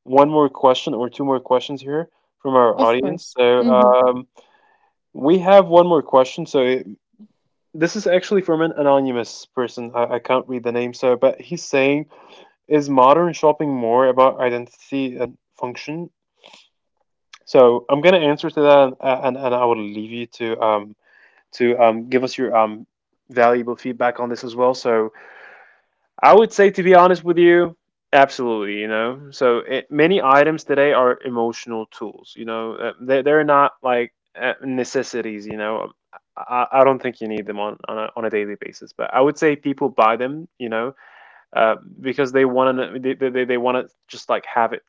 Speaker 1: one more question or two more questions here from our
Speaker 2: Of
Speaker 1: audience.
Speaker 2: course.
Speaker 1: So
Speaker 2: Mm-hmm.
Speaker 1: we have one more question. So this is actually from an anonymous person. I can't read the name. So, but he's saying, is modern shopping more about identity and function? So I'm gonna answer to that, and I will leave you to give us your valuable feedback on this as well. So I would say, to be honest with you, absolutely. You know, so it, many items today are emotional tools. You know, they they're not like necessities. You know, I, I don't think you need them on on a daily basis. But I would say people buy them. You know, uh, because they want to they want to just like have it.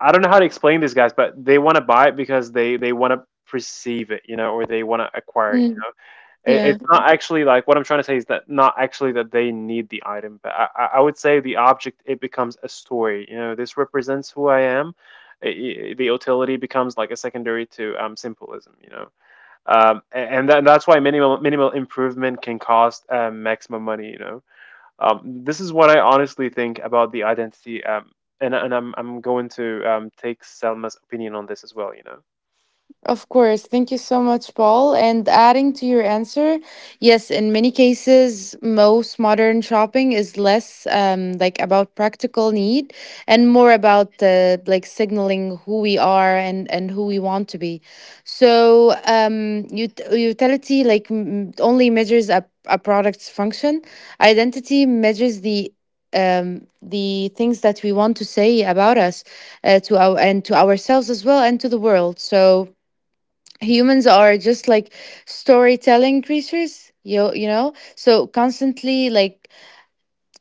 Speaker 1: I don't know how to explain this, guys, but they want to buy it because they want to perceive it. You know, or they want to acquire it.
Speaker 2: Mm, yeah.
Speaker 1: It's not actually like what I'm trying to say is that not actually that they need the item, but I would say the object it becomes a story. You know, this represents who I am. The utility becomes like a secondary to symbolism. You know, and that, that's why minimal improvement can cost maximum money. You know, this is what I honestly think about the identity. And I'm going to take Selma's opinion on this as well, you know?
Speaker 2: Of course. Thank you so much, Paul. And adding to your answer, yes, in many cases, most modern shopping is less like about practical need, and more about like signaling who we are, and, who we want to be. So, utility like only measures a product's function, identity measures the things that we want to say about us, to our, and to ourselves as well, and to the world. So humans are just like storytelling creatures, you know, so constantly like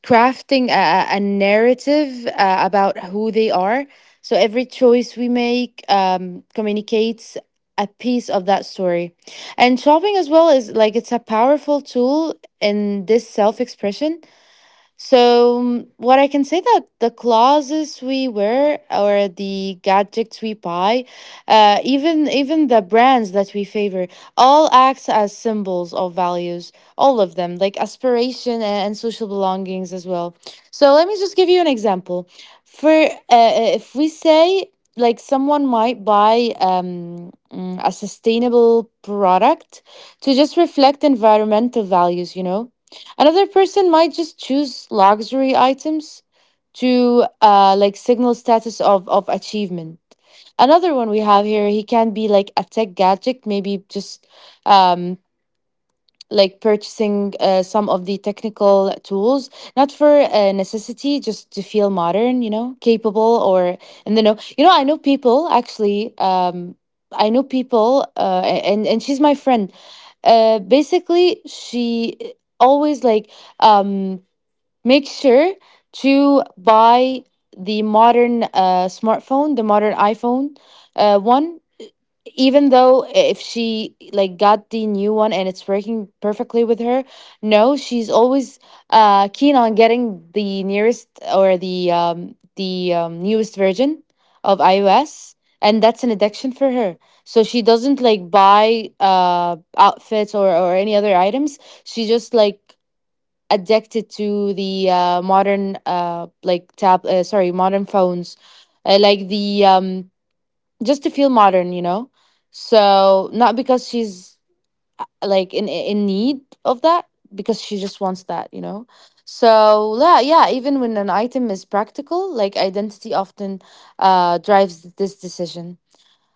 Speaker 2: crafting a narrative about who they are. So every choice we make communicates a piece of that story, and shopping as well is like it's a powerful tool in this self-expression. So, what I can say, that the clothes we wear, or the gadgets we buy, even the brands that we favor, all acts as symbols of values. All of them, like aspiration, and, social belongings as well. So let me just give you an example. For if we say, like, someone might buy a sustainable product to just reflect environmental values, you know. Another person might just choose luxury items to like signal status of achievement. Another one we have here, he can be like a tech gadget, maybe just um, like purchasing some of the technical tools, not for necessity, just to feel modern, you know, capable or, and then, know, you know, I know people, actually. I know people, and she's my friend. Basically, she always like um make sure to buy the modern, smartphone, the modern iPhone, one. Even though if she, like, got the new one, and it's working perfectly with her, no, she's always keen on getting the nearest, or the newest version of iOS, and that's an addiction for her. So she doesn't like buy outfits, or any other items, she just like addicted to the, modern, like tab, sorry, modern phones, like the just to feel modern, you know. So not because she's, like, in need of that, because she just wants that, you know. So yeah, yeah. Even when an item is practical, like, identity often drives this decision.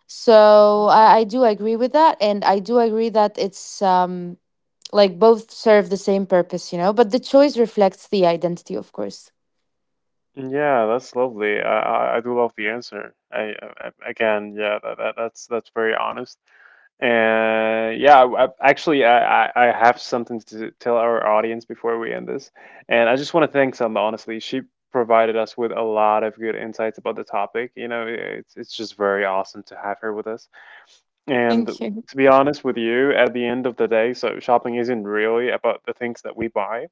Speaker 2: So I do agree with that, and I do agree that it's like both serve the same purpose, you know, but the choice reflects the identity, of course.
Speaker 1: Yeah, that's lovely. I do love the answer. Again, yeah, that that's very honest. And yeah, actually, I have something to tell our audience before we end this. And I just want to thank Selma, honestly. She provided us with a lot of good insights about the topic. You know, it's just very awesome to have her with us.
Speaker 2: Thank
Speaker 1: And
Speaker 2: you.
Speaker 1: to be honest with you, at the end of the day, so shopping isn't really about the things that we buy.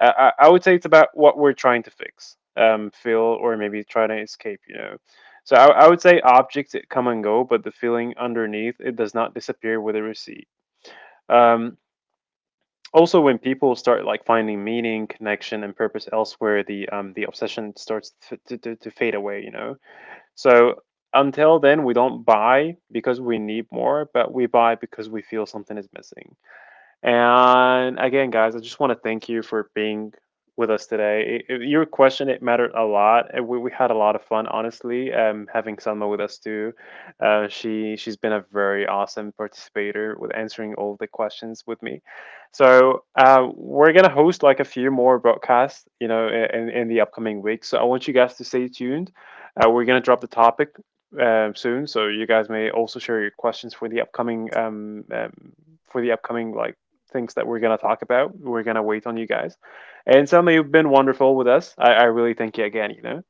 Speaker 1: I would say it's about what we're trying to fix, feel, or maybe try to escape, you know. So I would say objects it come and go, but the feeling underneath it does not disappear with a receipt. Um, Also, when people start like finding meaning, connection, and purpose elsewhere, the obsession starts to fade away, you know. So until then, we don't buy because we need more, but we buy because we feel something is missing. And again, guys, I just want to thank you for being with us today. Your question it mattered a lot. And we had a lot of fun, honestly. Having Salma with us too, she's been a very awesome participator with answering all the questions with me. So we're gonna host like a few more broadcasts, you know, in the upcoming weeks. So I want you guys to stay tuned. We're gonna drop the topic soon, so you guys may also share your questions for the upcoming like things that we're going to talk about. We're going to wait on you guys. And Selma, you've been wonderful with us. I really thank you again, you know.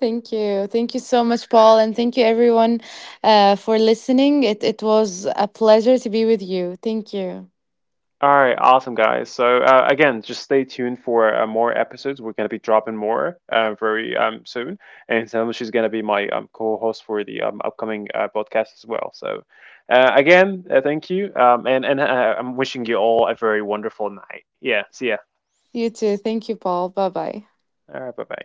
Speaker 2: Thank you. Thank you so much, Paul. And thank you, everyone, for listening. It was a pleasure to be with you. Thank you.
Speaker 1: All right, awesome guys. So again, just stay tuned for more episodes. We're gonna be dropping more very soon, and Selma she's gonna be my co-host for the upcoming podcast as well. So again, thank you, and I'm wishing you all a very wonderful night. Yeah, see ya.
Speaker 2: You too. Thank you, Paul. Bye bye.
Speaker 1: All right, bye bye.